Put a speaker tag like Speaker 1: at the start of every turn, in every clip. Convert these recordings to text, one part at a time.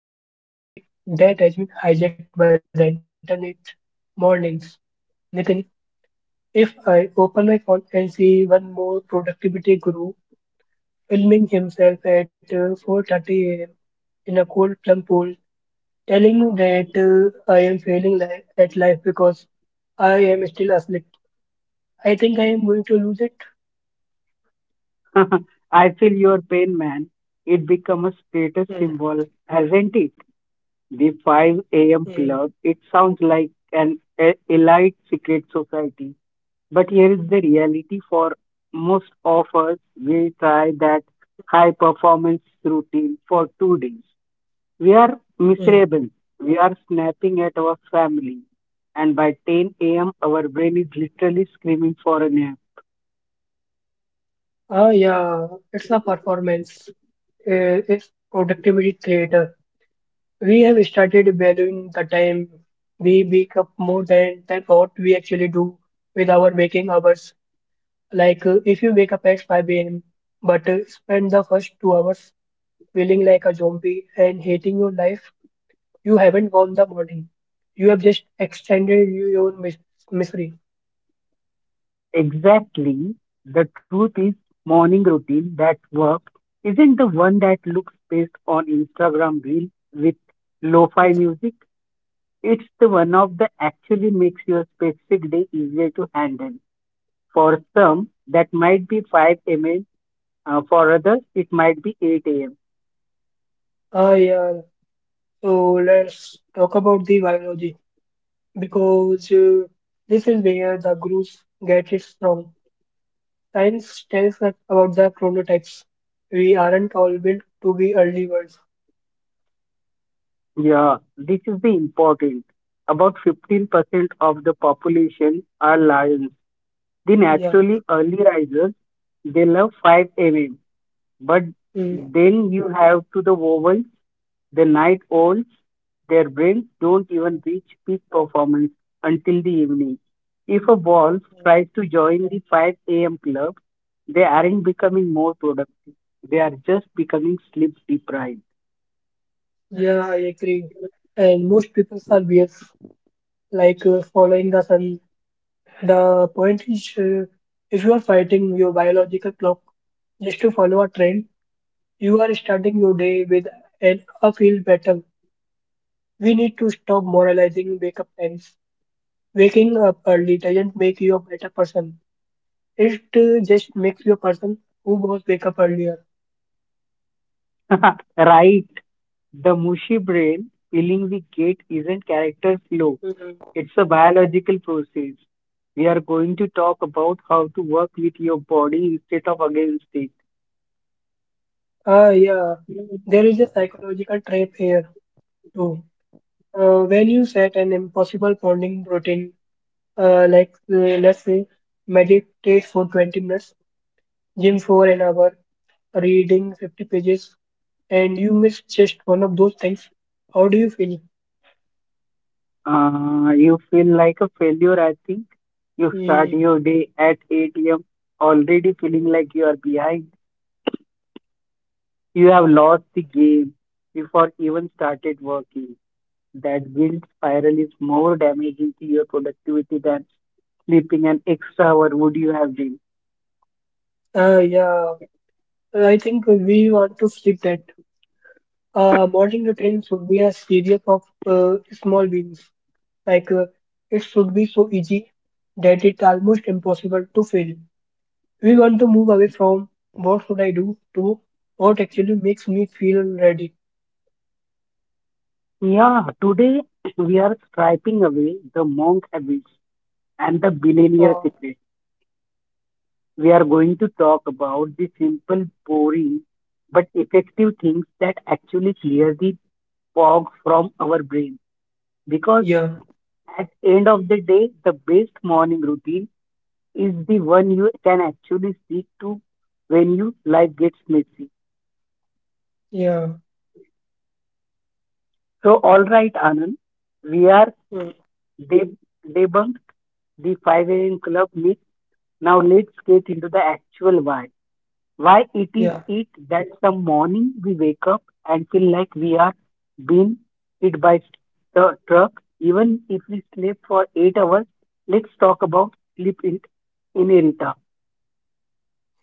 Speaker 1: So, we are tackling a topic that has been hijacked by the internet mornings. Nitin, if I open my phone and see one more productivity guru filming himself at 4:30 a.m. in a cold plum pool, telling me that I am failing at life because I am still asleep. I think I am going to lose it.
Speaker 2: I feel your pain, man. It become a status
Speaker 1: Mm,
Speaker 2: symbol, hasn't it? The 5 a.m.
Speaker 1: mm,
Speaker 2: club. It sounds like an elite secret society. But here is the reality for most of us. We try that high performance routine for 2 days. We are
Speaker 1: mm.
Speaker 2: miserable. We are snapping at our family. And by 10 a.m., our brain is literally screaming for a nap.
Speaker 1: Ah, yeah, it's a performance. It's productivity theater. We have started valuing the time we wake up more than what we actually do with our waking hours. Like if you wake up at 5 a.m. but spend the first 2 hours feeling like a zombie and hating your life, you haven't won the morning. You have just extended your own misery.
Speaker 2: Exactly. The truth is, morning routine that works isn't the one that looks best on Instagram reel with lo-fi
Speaker 1: Mm.
Speaker 2: music. It's the one of that actually makes your specific day easier to handle. For some, that might be 5 a.m. For others, it might be 8 a.m.
Speaker 1: Ah, yeah. So let's talk about the biology because this is where the group gets it wrong. Science tells us about the chronotypes. We aren't all built to be early birds.
Speaker 2: Yeah, this is the important. About 15% of the population are lions. The
Speaker 1: Yeah,
Speaker 2: naturally early risers, they love 5 a.m. But
Speaker 1: mm,
Speaker 2: then you have to the vowels, the night owls, their brains don't
Speaker 1: mm,
Speaker 2: even reach peak performance until the evening. If a wolf
Speaker 1: mm.
Speaker 2: tries to join the 5 a.m. club, they aren't becoming more productive. They are just becoming sleep deprived.
Speaker 1: yeah, I agree. And most people are weird, like following the sun. The point is, if you are fighting your biological clock just to follow a trend, you are starting your day with an uphill battle. We need to stop moralizing wake up times. Waking up early doesn't make you a better person. It just makes you a person who was wake up earlier.
Speaker 2: Right. The mushy brain filling the gate isn't character flow.
Speaker 1: Mhm.
Speaker 2: It's a biological process. We are going to talk about how to work with your body instead of against it.
Speaker 1: Ah, yeah. There is a psychological trap here too. When you set an impossible morning routine, like let's say meditate for 20 minutes, gym for an hour, reading 50 pages, and you miss just one of those things, how do you feel?
Speaker 2: You feel like a failure, I think. You start
Speaker 1: Mm,
Speaker 2: your day at 8 a.m., already feeling like you are behind. You have lost the game before even started working. That guilt spiral is more damaging to your productivity than sleeping an extra hour would you have been?
Speaker 1: ah, yeah. I think we want to skip that. Morning routine should be a series of small wins. Like it should be so easy that it's almost impossible to fail. We want to move away from what should I do to what actually makes me feel ready.
Speaker 2: Yeah, today we are striping away the monk habits and the billionaire
Speaker 1: Uh,
Speaker 2: secrets. We are going to talk about the simple, boring, but effective things that actually clear the fog from our brain. Because
Speaker 1: yeah,
Speaker 2: at end of the day, the best morning routine is the one you can actually stick to when you life gets messy.
Speaker 1: yeah,
Speaker 2: So, all right, Anand, we are
Speaker 1: mm,
Speaker 2: deb- debunked the 5 a.m. club myth. Now let's get into the actual why. Why it is
Speaker 1: yeah,
Speaker 2: it that some morning we wake up and feel like we are being hit by the truck, even if we sleep for 8 hours? Let's talk about sleep in inertia.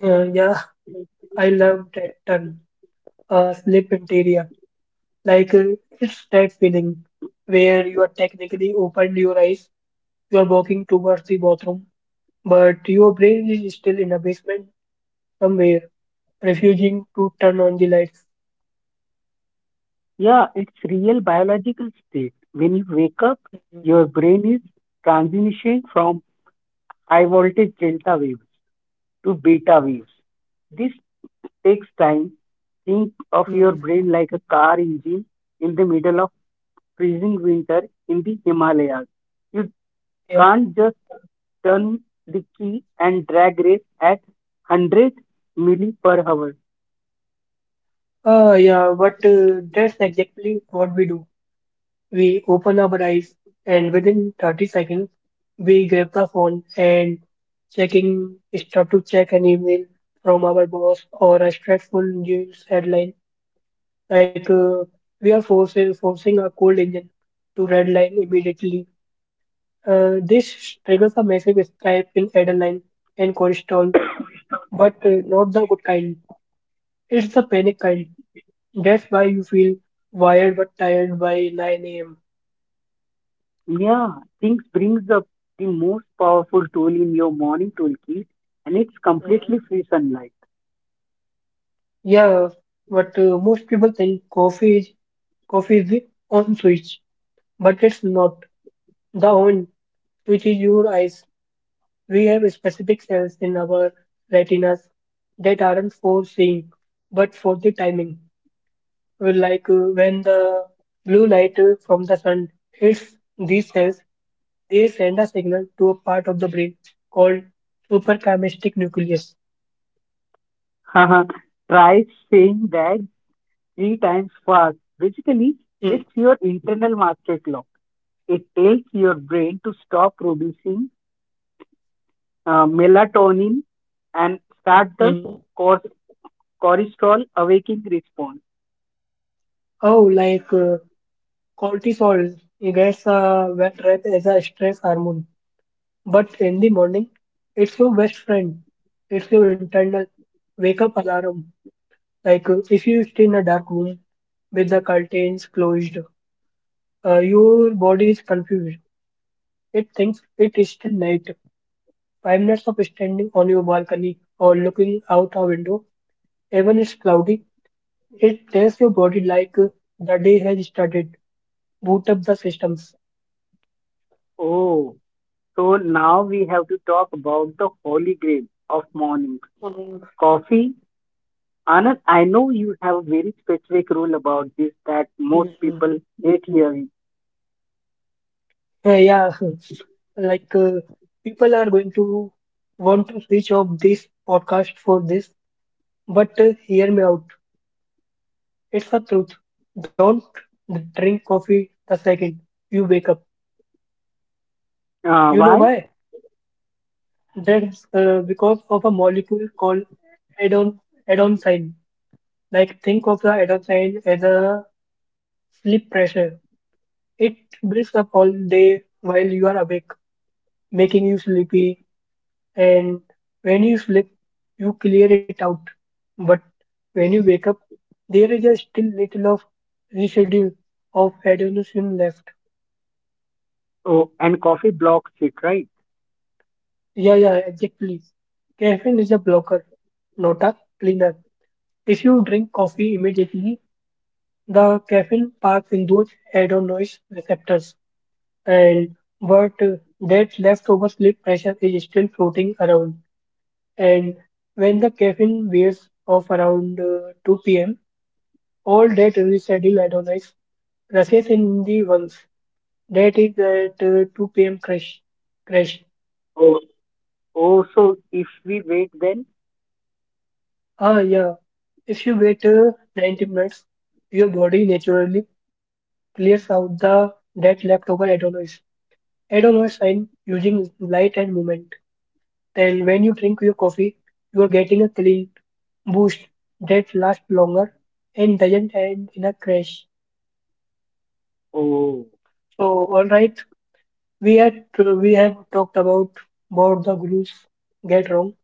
Speaker 1: yeah. I love that term, sleep interior. Like it's that feeling where you are technically opened your eyes. You are walking towards the bathroom but your brain is still in a basement somewhere, refusing to turn on the lights.
Speaker 2: Yeah, it's real biological state. When you wake up,
Speaker 1: Mhm.
Speaker 2: your brain is transitioning from high voltage delta waves to beta waves. This takes time. Think of your
Speaker 1: Mhm.
Speaker 2: brain like a car engine in the middle of freezing winter in the Himalayas. You
Speaker 1: Yeah.
Speaker 2: can't just turn the key and drag race at 100 milli per hour.
Speaker 1: Yeah, but that's exactly what we do. We open our eyes, and within 30 seconds, we grab the phone and checking start to check an email from our boss or a stressful news headline. Like we are forcing a cold engine to red line immediately. This triggers a massive spike in adrenaline and cortisol, but not the good kind. It's the panic kind. That's why you feel wired but tired by 9 a.m.
Speaker 2: Yeah, things brings up the most powerful tool in your morning toolkit, and it's
Speaker 1: Mm.
Speaker 2: completely free sunlight.
Speaker 1: Yeah, but most people think coffee is the on switch, but it's not. The on switch is your eyes. We have specific cells in our retinas that aren't for seeing, but for the timing. Will Like when the blue light from the sun hits these cells, they send a signal to a part of the brain called suprachiasmatic nucleus.
Speaker 2: Haha, try saying that three times fast. Basically, it's
Speaker 1: Mm,
Speaker 2: your internal master clock. It tells your brain to stop producing melatonin and start the
Speaker 1: mm.
Speaker 2: course cortisol awakening response.
Speaker 1: Oh, like cortisol gets a bad rep as a stress hormone, but in the morning, it's your best friend. It's your internal wake up alarm. Like if you stay in a dark room with the curtains closed, your body is confused. It thinks it is still night. 5 minutes of standing on your balcony or looking out a window, even it's cloudy, it tells your body like the day has started. Boot up the systems.
Speaker 2: Oh, so now we have to talk about the holy grail of morning
Speaker 1: Mm,
Speaker 2: coffee. Anand, I know you have a very specific rule about this that most
Speaker 1: mm,
Speaker 2: people hate hearing.
Speaker 1: yeah, like people are going to want to switch off this podcast for this, but hear me out. It's the truth. Don't drink coffee the second you wake up. You know
Speaker 2: Why?
Speaker 1: why? That's because of a molecule called adon adon Like think of the adenosine as a sleep pressure. It builds up all day while you are awake, making you sleepy. And when you sleep, you clear it out. But when you wake up, there is a still little of residue of adenosine left.
Speaker 2: Oh, and coffee blocks it, right?
Speaker 1: Yeah, exactly. Caffeine is a blocker, not a cleaner. If you drink coffee immediately, the caffeine parks in those adenosine receptors. And but that leftover sleep pressure is still floating around. And when the caffeine wears off around 2 p.m., all that rescheduled adonis rushes in the ones. That is that 2 p.m. crash.
Speaker 2: Oh, oh, so if we wait, then
Speaker 1: Ah, yeah. If you wait 90 minutes, your body naturally clears out the that leftover adonis. Adonis sign using light and movement. Then, when you drink your coffee, you're getting a clean boost that lasts longer and doesn't end in a crash.
Speaker 2: oh,
Speaker 1: So, all right, we have talked about what the gurus get wrong.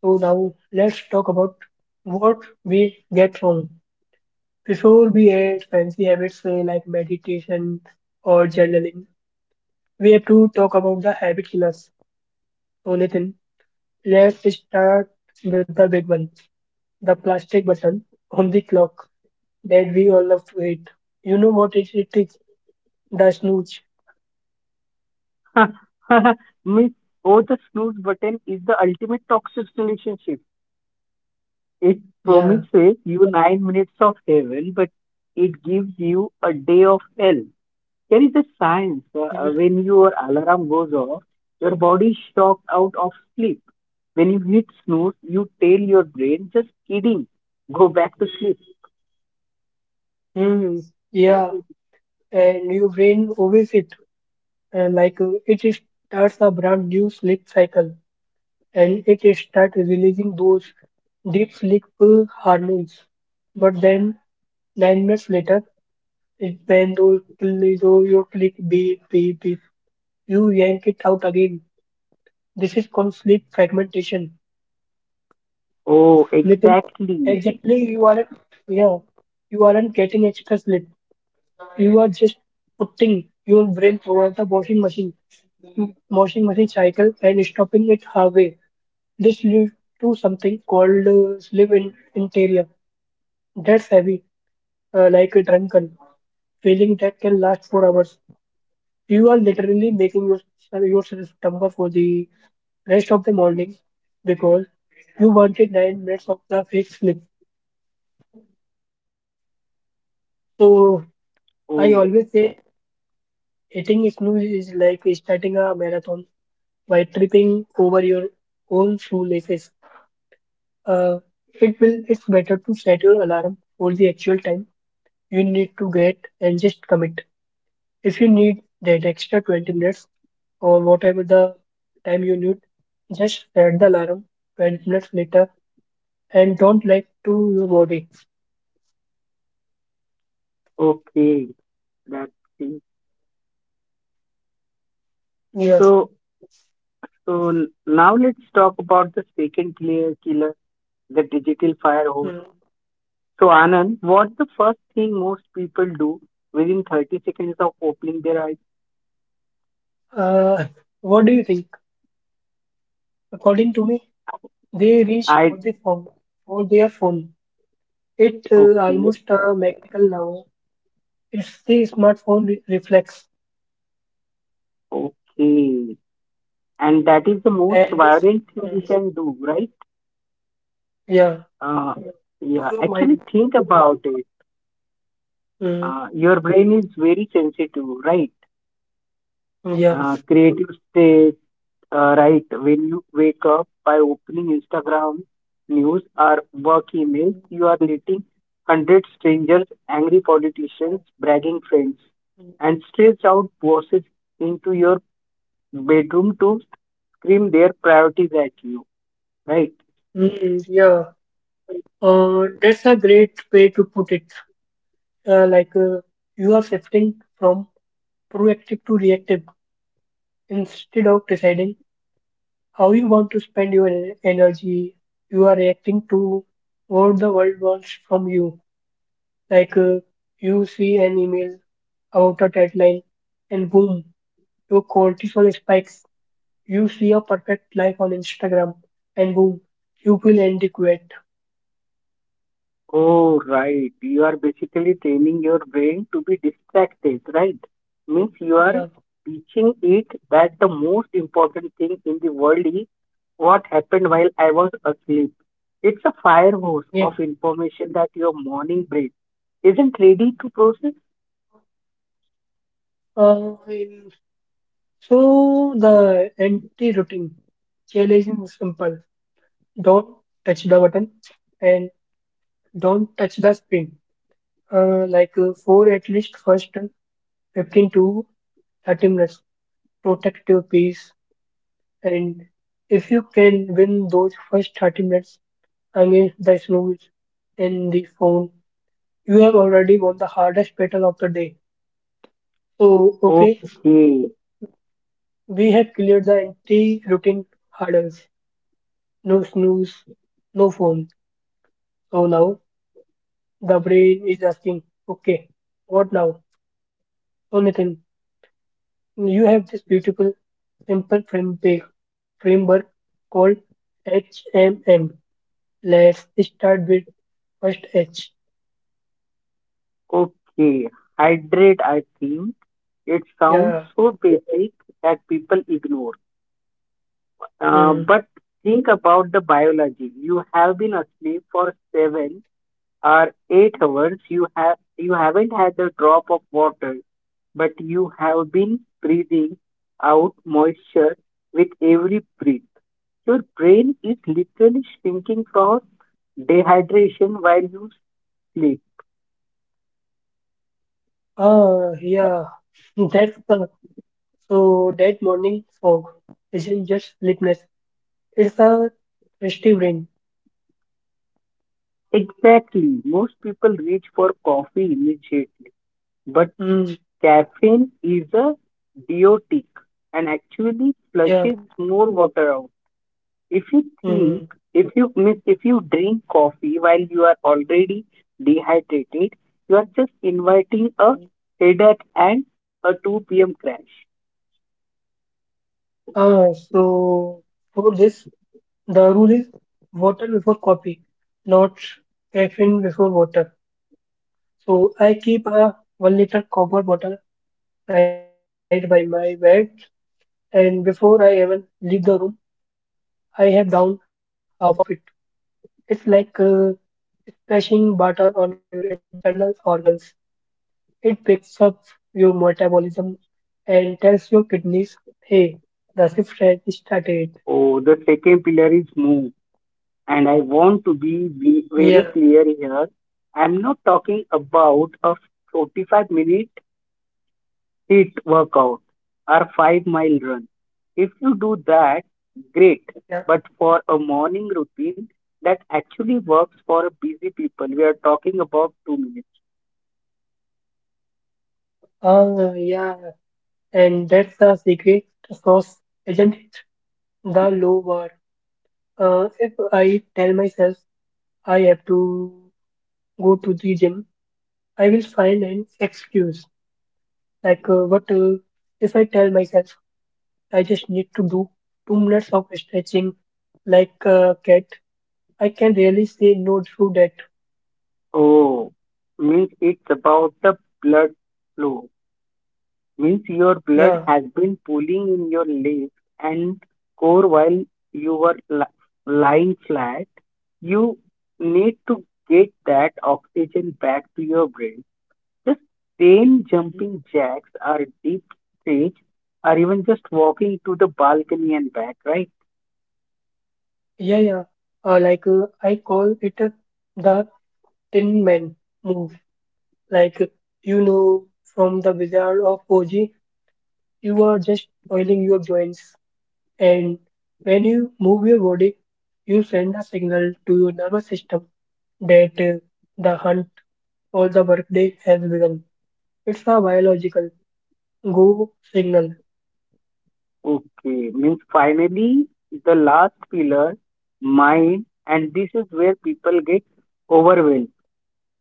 Speaker 1: So now let's talk about what we get wrong before we add fancy habits say like meditation or journaling. We have to talk about the habit killers. So Nathan, let's start with the big one, the plastic button on the clock that we all love to hate. You know what it is? The snooze.
Speaker 2: miss, oh, the snooze button is the ultimate toxic relationship. It
Speaker 1: Yeah.
Speaker 2: promises you 9 minutes of heaven, but it gives you a day of hell. There is a science when your alarm goes off, your body is shocked out of sleep. When you hit snooze, you tell your brain, just kidding, go back to sleep.
Speaker 1: Mm-hmm. Yeah. And your brain always it. And like starts a brand new sleep cycle. And it is start releasing those deep sleep hormones. But then 9 minutes later, it, when those pill- so your click beep beep beep, you yank it out again. This is called sleep fragmentation.
Speaker 2: Oh,
Speaker 1: Little
Speaker 2: exactly.
Speaker 1: exactly you aren't yeah, you aren't getting extra sleep. You are just putting your brain towards the washing machine cycle and stopping it halfway. This leads to something called sleep in interior. That's heavy, like a drunken feeling that can last for hours. You are literally making yourself stumble for the rest of the morning because you wanted 9 minutes of the fake sleep. So
Speaker 2: Oh,
Speaker 1: I always say eating snooze is like starting a marathon by tripping over your own shoelaces. Uh, it will. It's better to set your alarm for the actual time you need to get and just commit. If you need that extra 20 minutes or whatever the time you need, just set the alarm 20 minutes later and don't lie to your body.
Speaker 2: okay. That thing.
Speaker 1: Yes.
Speaker 2: So, so, now let's talk about the second clear killer, the digital firehose.
Speaker 1: Mm.
Speaker 2: So, Anand, what's the first thing most people do within 30 seconds of opening their eyes?
Speaker 1: Uh, what do you think? According to me, they reach for
Speaker 2: I,
Speaker 1: the phone for their phone. It's
Speaker 2: okay,
Speaker 1: almost a mechanical now. It's the smartphone reflex,
Speaker 2: okay. And that is the most
Speaker 1: and
Speaker 2: violent thing you
Speaker 1: mm,
Speaker 2: can do, right?
Speaker 1: yeah,
Speaker 2: Uh,
Speaker 1: to
Speaker 2: yeah,
Speaker 1: your
Speaker 2: actually,
Speaker 1: mind.
Speaker 2: think about it.
Speaker 1: Mm,
Speaker 2: Your brain is very sensitive, right?
Speaker 1: yeah,
Speaker 2: Creative state. Right, when you wake up by opening Instagram news or work emails, you are letting 100 strangers, angry politicians, bragging friends, and stressed out bosses into your bedroom to scream their priorities at you. Right?
Speaker 1: yeah. That's a great way to put it. Like you are shifting from proactive to reactive. Instead of deciding how you want to spend your energy, you are reacting to what the world wants from you. Like you see an email about a deadline, and boom, your cortisol spikes. You see a perfect life on Instagram, and boom, you feel inadequate.
Speaker 2: Oh, right. You are basically training your brain to be distracted, right? Means you are
Speaker 1: Yeah,
Speaker 2: teaching it that the most important thing in the world is what happened while I was asleep. It's a fire hose
Speaker 1: yeah.
Speaker 2: of information that your morning brain isn't ready to process.
Speaker 1: Uh, in- so the anti-routine challenge is simple. Don't touch the button and don't touch the screen. Like for at least first 15 to 30 minutes. Protect your peace. And if you can win those first 30 minutes against the snooze in the phone, you have already won the hardest battle of the day. So, okay,
Speaker 2: Okay,
Speaker 1: we have cleared the anti routine hurdles. No snooze, no phone. So now the brain is asking, okay, what now? So, Nathan, you have this beautiful, simple framework called HMM. Let's start with first H.
Speaker 2: okay. Hydrate, I think. It
Speaker 1: Yeah.
Speaker 2: sounds so basic that people ignore.
Speaker 1: hmm.
Speaker 2: But think about the biology. You have been asleep for 7 or 8 hours. You haven't had a drop of water, but you have been breathing out moisture with every breath. Your brain is literally shrinking from dehydration while you sleep.
Speaker 1: Ah, yeah. That's the so that morning fog isn't just sleepiness. It's a thirsty brain.
Speaker 2: Exactly. Most people reach for coffee immediately, but
Speaker 1: Mm,
Speaker 2: caffeine is a diuretic and actually
Speaker 1: yeah.
Speaker 2: flushes more water out. If you think,
Speaker 1: Mm.
Speaker 2: if you drink coffee while you are already dehydrated, you are just inviting a
Speaker 1: mm.
Speaker 2: headache and a 2 p.m. crash.
Speaker 1: Ah, so for this, the rule is water before coffee, not caffeine before water. So I keep a 1 liter copper bottle right by my bed, and before I even leave the room, I have down half of it. It's like splashing butter on your internal organs. It picks up your metabolism and tells your kidneys, hey, the shift has started.
Speaker 2: Oh, the second pillar is move, and I want to be very clear
Speaker 1: Yeah,
Speaker 2: here. I'm not talking about a 45-minute HIIT workout or 5 mile run. If you do that, great. But
Speaker 1: yeah,
Speaker 2: for a morning routine that actually works for a busy people, we are talking about 2 minutes.
Speaker 1: yeah. And that's the secret sauce, isn't it? The low bar. If I tell myself I have to go to the gym, I will find an excuse. Like, what if I tell myself I just need to do 2 minutes of stretching like a cat. I can really say no to that.
Speaker 2: Oh, means it's about the blood flow. Means your blood
Speaker 1: Yeah,
Speaker 2: has been pooling in your legs and core while you were lying flat. You need to get that oxygen back to your brain. Just plain
Speaker 1: Mhm.
Speaker 2: jumping jacks or deep stage or even just walking to the balcony and back, right?
Speaker 1: Yeah. Like I call it the Tin Man move. Like you know from the Wizard of Oz, you are just oiling your joints, and when you move your body, you send a signal to your nervous system that the hunt or the workday has begun. It's a biological go signal.
Speaker 2: Okay, means finally the last pillar, mind, and this is where people get overwhelmed.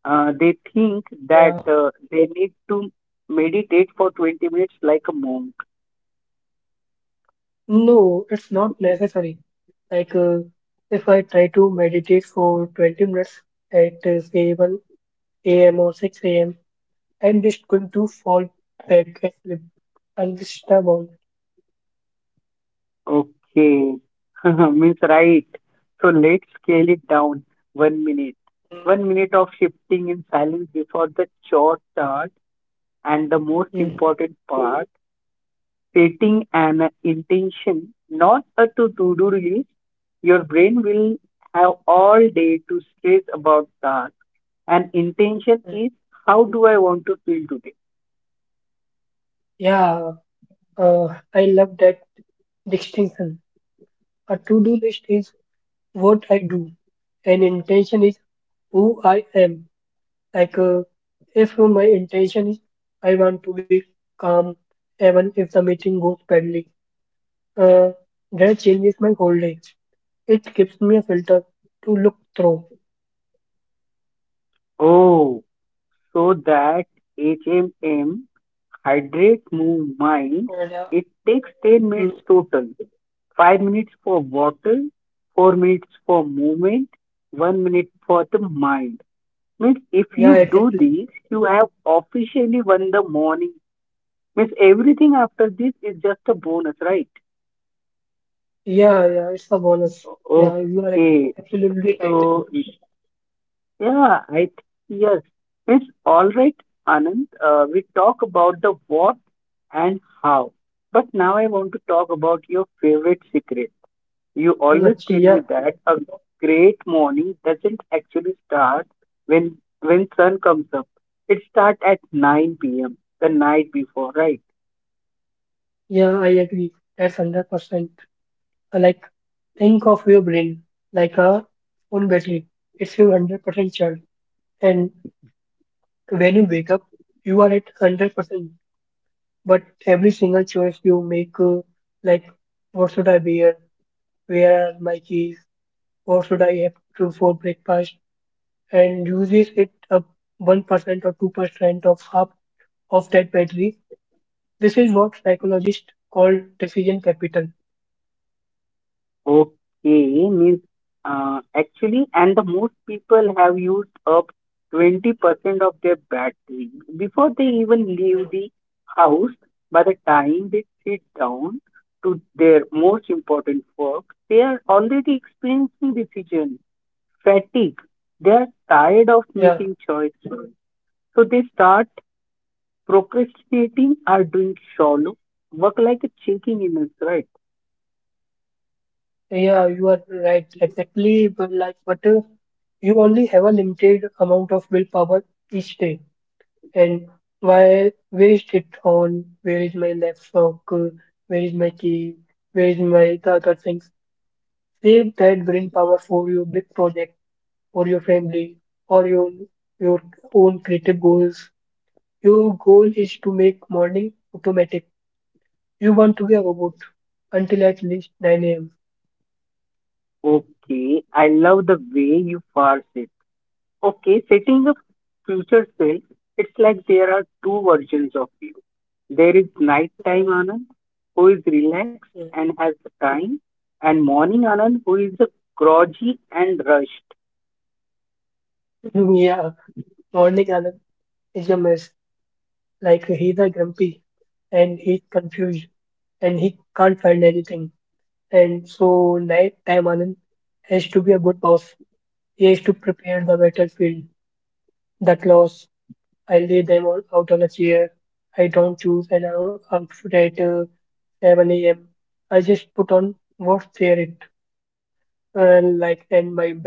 Speaker 2: They think that
Speaker 1: Yeah,
Speaker 2: they need to meditate for 20 minutes like a monk.
Speaker 1: no, it's not necessary. Like, uh, if I try to meditate for 20 minutes at say 1 a.m. or 6 a.m., I'm just going to fall back asleep. I'm just stubborn.
Speaker 2: Okay, means right. So let's scale it down 1 minute. 1 minute of shifting in silence before the chore starts, and the most
Speaker 1: Mm.
Speaker 2: important part, setting an intention, not a to do list. Your brain will have all day to stress about that. An intention
Speaker 1: Mm.
Speaker 2: is, how do I want to feel today?
Speaker 1: Yeah, uh, I love that distinction. A to-do list is what I do, and intention is who I am. Like, uh, if my intention is I want to be calm, even if the meeting goes badly. Uh, that changes my whole day. It gives me a filter to look through.
Speaker 2: Oh, so that HMM. Hydrate, move, mind.
Speaker 1: And yeah,
Speaker 2: It takes 10 minutes
Speaker 1: mm,
Speaker 2: total. 5 minutes for water, 4 minutes for movement, 1 minute for the mind. Means if
Speaker 1: yeah,
Speaker 2: you do
Speaker 1: exactly.
Speaker 2: this, you have officially won the morning. Means everything after this is just a bonus, right?
Speaker 1: Yeah, yeah, it's a bonus. Yeah, you are
Speaker 2: Okay.
Speaker 1: absolutely right.
Speaker 2: So yeah, yes. Means all right, Anand. We talk about the what and how, but now I want to talk about your favorite secret. You always
Speaker 1: Lakshya,
Speaker 2: tell
Speaker 1: yeah,
Speaker 2: me that a great morning doesn't actually start when when sun comes up. It starts at 9 p.m. the night before, right?
Speaker 1: yeah, I agree. That's 100%. Uh, Like, think of your brain like a phone battery. It's your 100% charge. And when you wake up, you are at 100%. But every single choice you make, like, what should I wear? Where are my keys? Or should I have to for breakfast? And uses it up 1% or 2% of half of that battery. This is what psychologists call decision capital.
Speaker 2: Okay, means actually, and the most people have used up 20% of their battery before they even leave the house. By the time they sit down to their most important work, they are already experiencing decision fatigue. They are tired of
Speaker 1: Yeah,
Speaker 2: making choices. So they start procrastinating or doing shallow work like a checking emails, right?
Speaker 1: yeah, you are right. Exactly, but you only have a limited amount of willpower each day. And why, waste it on? Where is my laptop? Where is my key? Where is my the other things? Save that brain power for your big project or your family or your own creative goals. Your goal is to make morning automatic. You want to be a robot until at least 9 a.m.
Speaker 2: Okay, I love the way you parse it. Okay, setting up future self, it's like there are two versions of you. There is nighttime
Speaker 1: Mm,
Speaker 2: Anand, who is relaxed and has the time, and morning Anand, who is a groggy and rushed.
Speaker 1: mm. Yeah, morning Anand is a mess. He's a grumpy and he's confused and he can't find anything. And so night time Anand has to be a good boss. He has to prepare the battlefield, the clothes. I lay them all out on a chair. I don't choose an outfit 7 a.m. I just put on what's there it and my bag,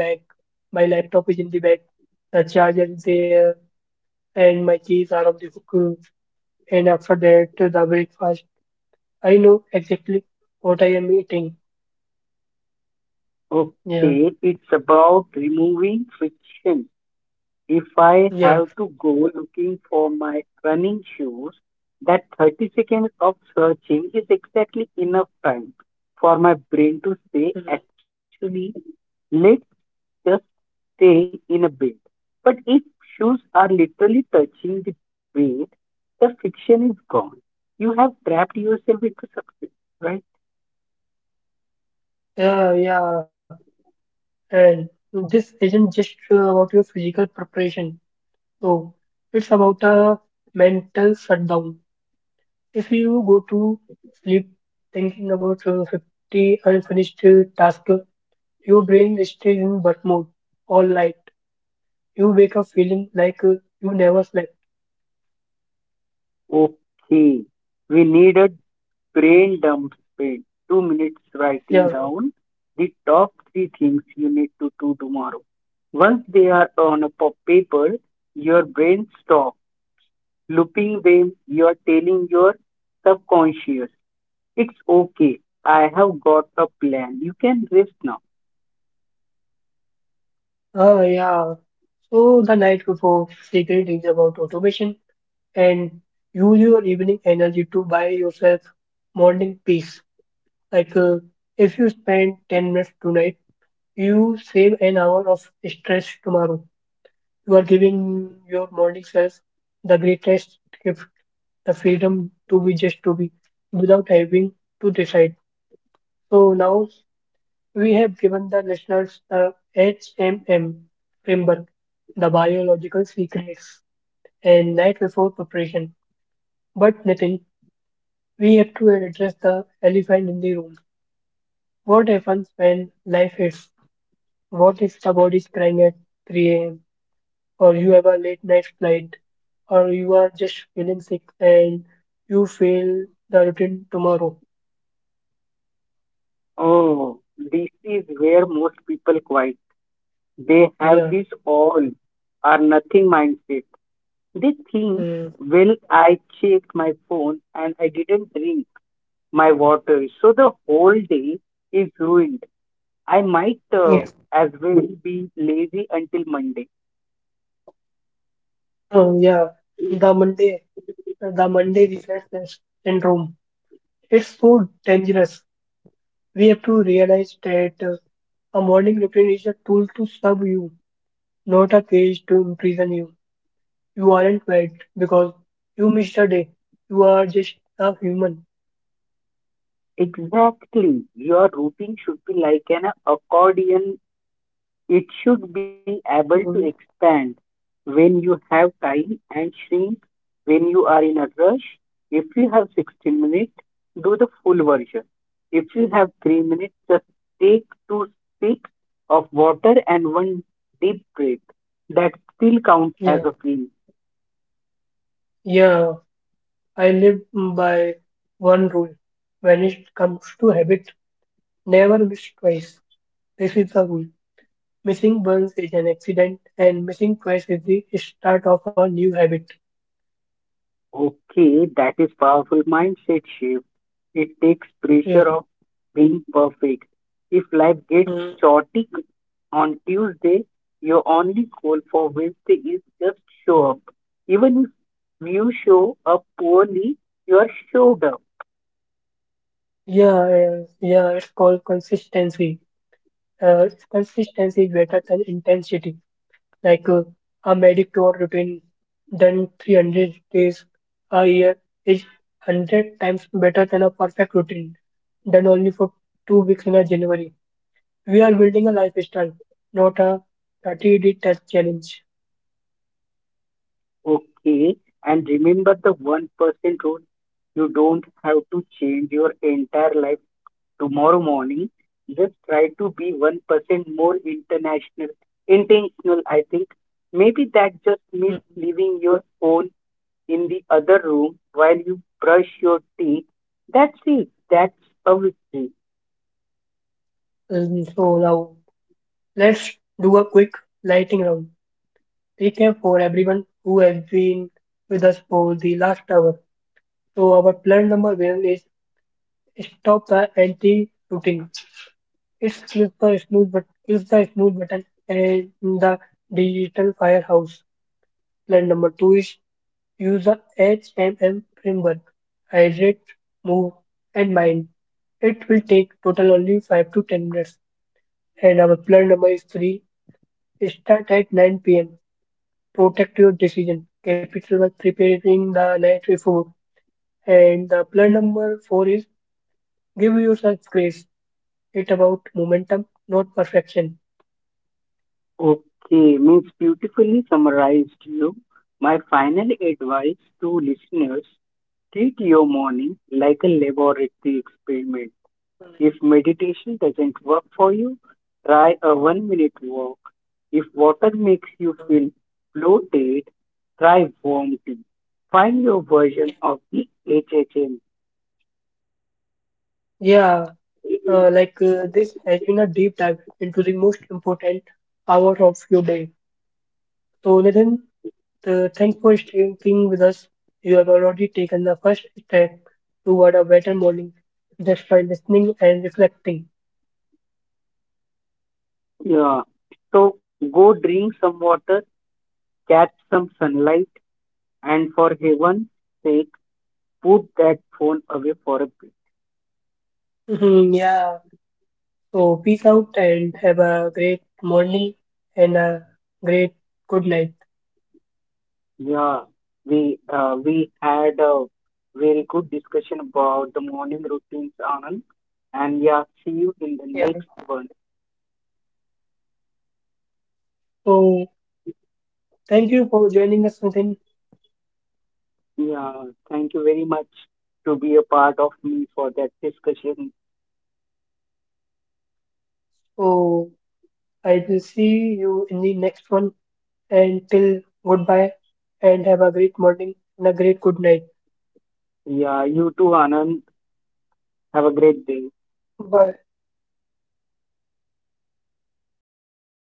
Speaker 1: my laptop is in the bag, the charger is there, and my keys are on the hook. And after that, the breakfast. I know exactly what I am eating. Yeah,
Speaker 2: Okay, it's about removing friction. If I
Speaker 1: yeah,
Speaker 2: have to go looking for my running shoes, that 30 seconds of searching is exactly enough time for my brain to say,
Speaker 1: mhm.
Speaker 2: actually, let's just stay in a bit. But if shoes are literally touching the bed, the fiction is gone. You have trapped yourself into success, right?
Speaker 1: Yeah, yeah. And this isn't just about your physical preparation. No, it's about a mental shutdown. If you go to sleep thinking about 50 unfinished tasks, your brain stays in work mode all night. You wake up feeling like you never slept.
Speaker 2: Okay, we need a brain dump. Spent 2 minutes
Speaker 1: Yeah.
Speaker 2: writing down the top three things you need to do tomorrow. Once they are on a paper, your brain stops looping them. You are telling your subconscious, it's okay. I have got a plan. You can rest now.
Speaker 1: Ah, yeah. So the night before, secret is about automation and use your evening energy to buy yourself morning peace. Like uh, if you spend 10 minutes tonight, you save an hour of stress tomorrow. You are giving your morning self the greatest gift, the freedom to be just to be, without having to decide. So now we have given the listeners the HMM framework, the biological secrets, and night before preparation. But Nitin, we have to address the elephant in the room. What happens when life hits? What if the body is crying at 3 a.m. or you have a late night flight or you are just feeling sick and you fail the routine tomorrow.
Speaker 2: Oh, this is where most people quit. They have
Speaker 1: Yeah.
Speaker 2: this all or nothing mindset. They think,
Speaker 1: Mm.
Speaker 2: well, I checked my phone and I didn't drink my water. So the whole day is ruined. I might
Speaker 1: It's.
Speaker 2: as well be lazy until Monday.
Speaker 1: Oh, yeah. The Monday, the Monday reflex syndrome. It's so dangerous. We have to realize that a morning routine is a tool to serve you, not a cage to imprison you. You aren't bad because you missed a day. You are just a human.
Speaker 2: Exactly. Your routine should be like an accordion. It should be able to
Speaker 1: Mm,
Speaker 2: expand when you have time and shrink when you are in a rush. If you have 16 minutes, do the full version. If you
Speaker 1: mm,
Speaker 2: have 3 minutes, just take 2 sips of water and one deep breath. That still counts as
Speaker 1: yeah.
Speaker 2: a win.
Speaker 1: Yeah. I live by one rule when it comes to habit: never miss twice. This is the rule. Missing once is an accident, and missing twice is the start of a new habit.
Speaker 2: Okay, that is powerful mindset shift. It takes
Speaker 1: Yeah,
Speaker 2: pressure of being perfect. If life gets
Speaker 1: mm,
Speaker 2: chaotic on Tuesday, your only goal for Wednesday is just show up. Even if you show up poorly, you are showed up.
Speaker 1: yeah, yeah, yeah, it's called consistency. Consistency is better than intensity. Like uh, I'm to a routine, done 300 days a year is 100 times better than a perfect routine done only for 2 weeks in a January. We are building a lifestyle, not a 30-day test challenge.
Speaker 2: Okay, and remember the 1% rule. You don't have to change your entire life tomorrow morning. Just try to be 1% more international, intentional, I think. Maybe that just means
Speaker 1: Mm.
Speaker 2: leaving your phone in the other room while you brush your teeth. That's it. That's a victory.
Speaker 1: So now let's do a quick lightning round. Recap for everyone who has been with us for the last hour. So our plan number one is stop the anti routing. It's kills the snooze but kills the snooze button and the digital firehouse. Plan number two is use the HMM framework. Hydrate, move, and mind. It will take total only 5 to 10 minutes and our plan number is 3. Start at 9 pm. Protect your decision. Capital by preparing the night before. And the plan number 4 is give yourself grace. It's about momentum, not perfection.
Speaker 2: Okay, means beautifully summarized you. My final advice to listeners: treat your morning like a laboratory experiment. If meditation doesn't work for you, try a 1 minute walk. If water makes you feel bloated, try warm tea. Find your
Speaker 1: Yeah.
Speaker 2: version of the HHM.
Speaker 1: Yeah, this has been a deep dive into the most important hour of your day. So, Nitin, so thanks for staying with us. You have already taken the first step toward a better morning just by listening and reflecting.
Speaker 2: Yeah. So go drink some water, catch some sunlight, and for heaven's sake, put that phone away for a bit.
Speaker 1: Mhm, yeah. So peace out and have a great morning and a great good night.
Speaker 2: Yeah, we had a very good discussion about the morning routines, Anand. And yeah, see you in the
Speaker 1: Yeah.
Speaker 2: next one.
Speaker 1: So thank you for joining us, Nitin.
Speaker 2: Yeah, thank you very much to be a part of me for that discussion.
Speaker 1: So I will see you in the next one. And till goodbye and have a great morning and a great good night.
Speaker 2: Yeah, you too, Anand. Have a great day.
Speaker 1: Bye.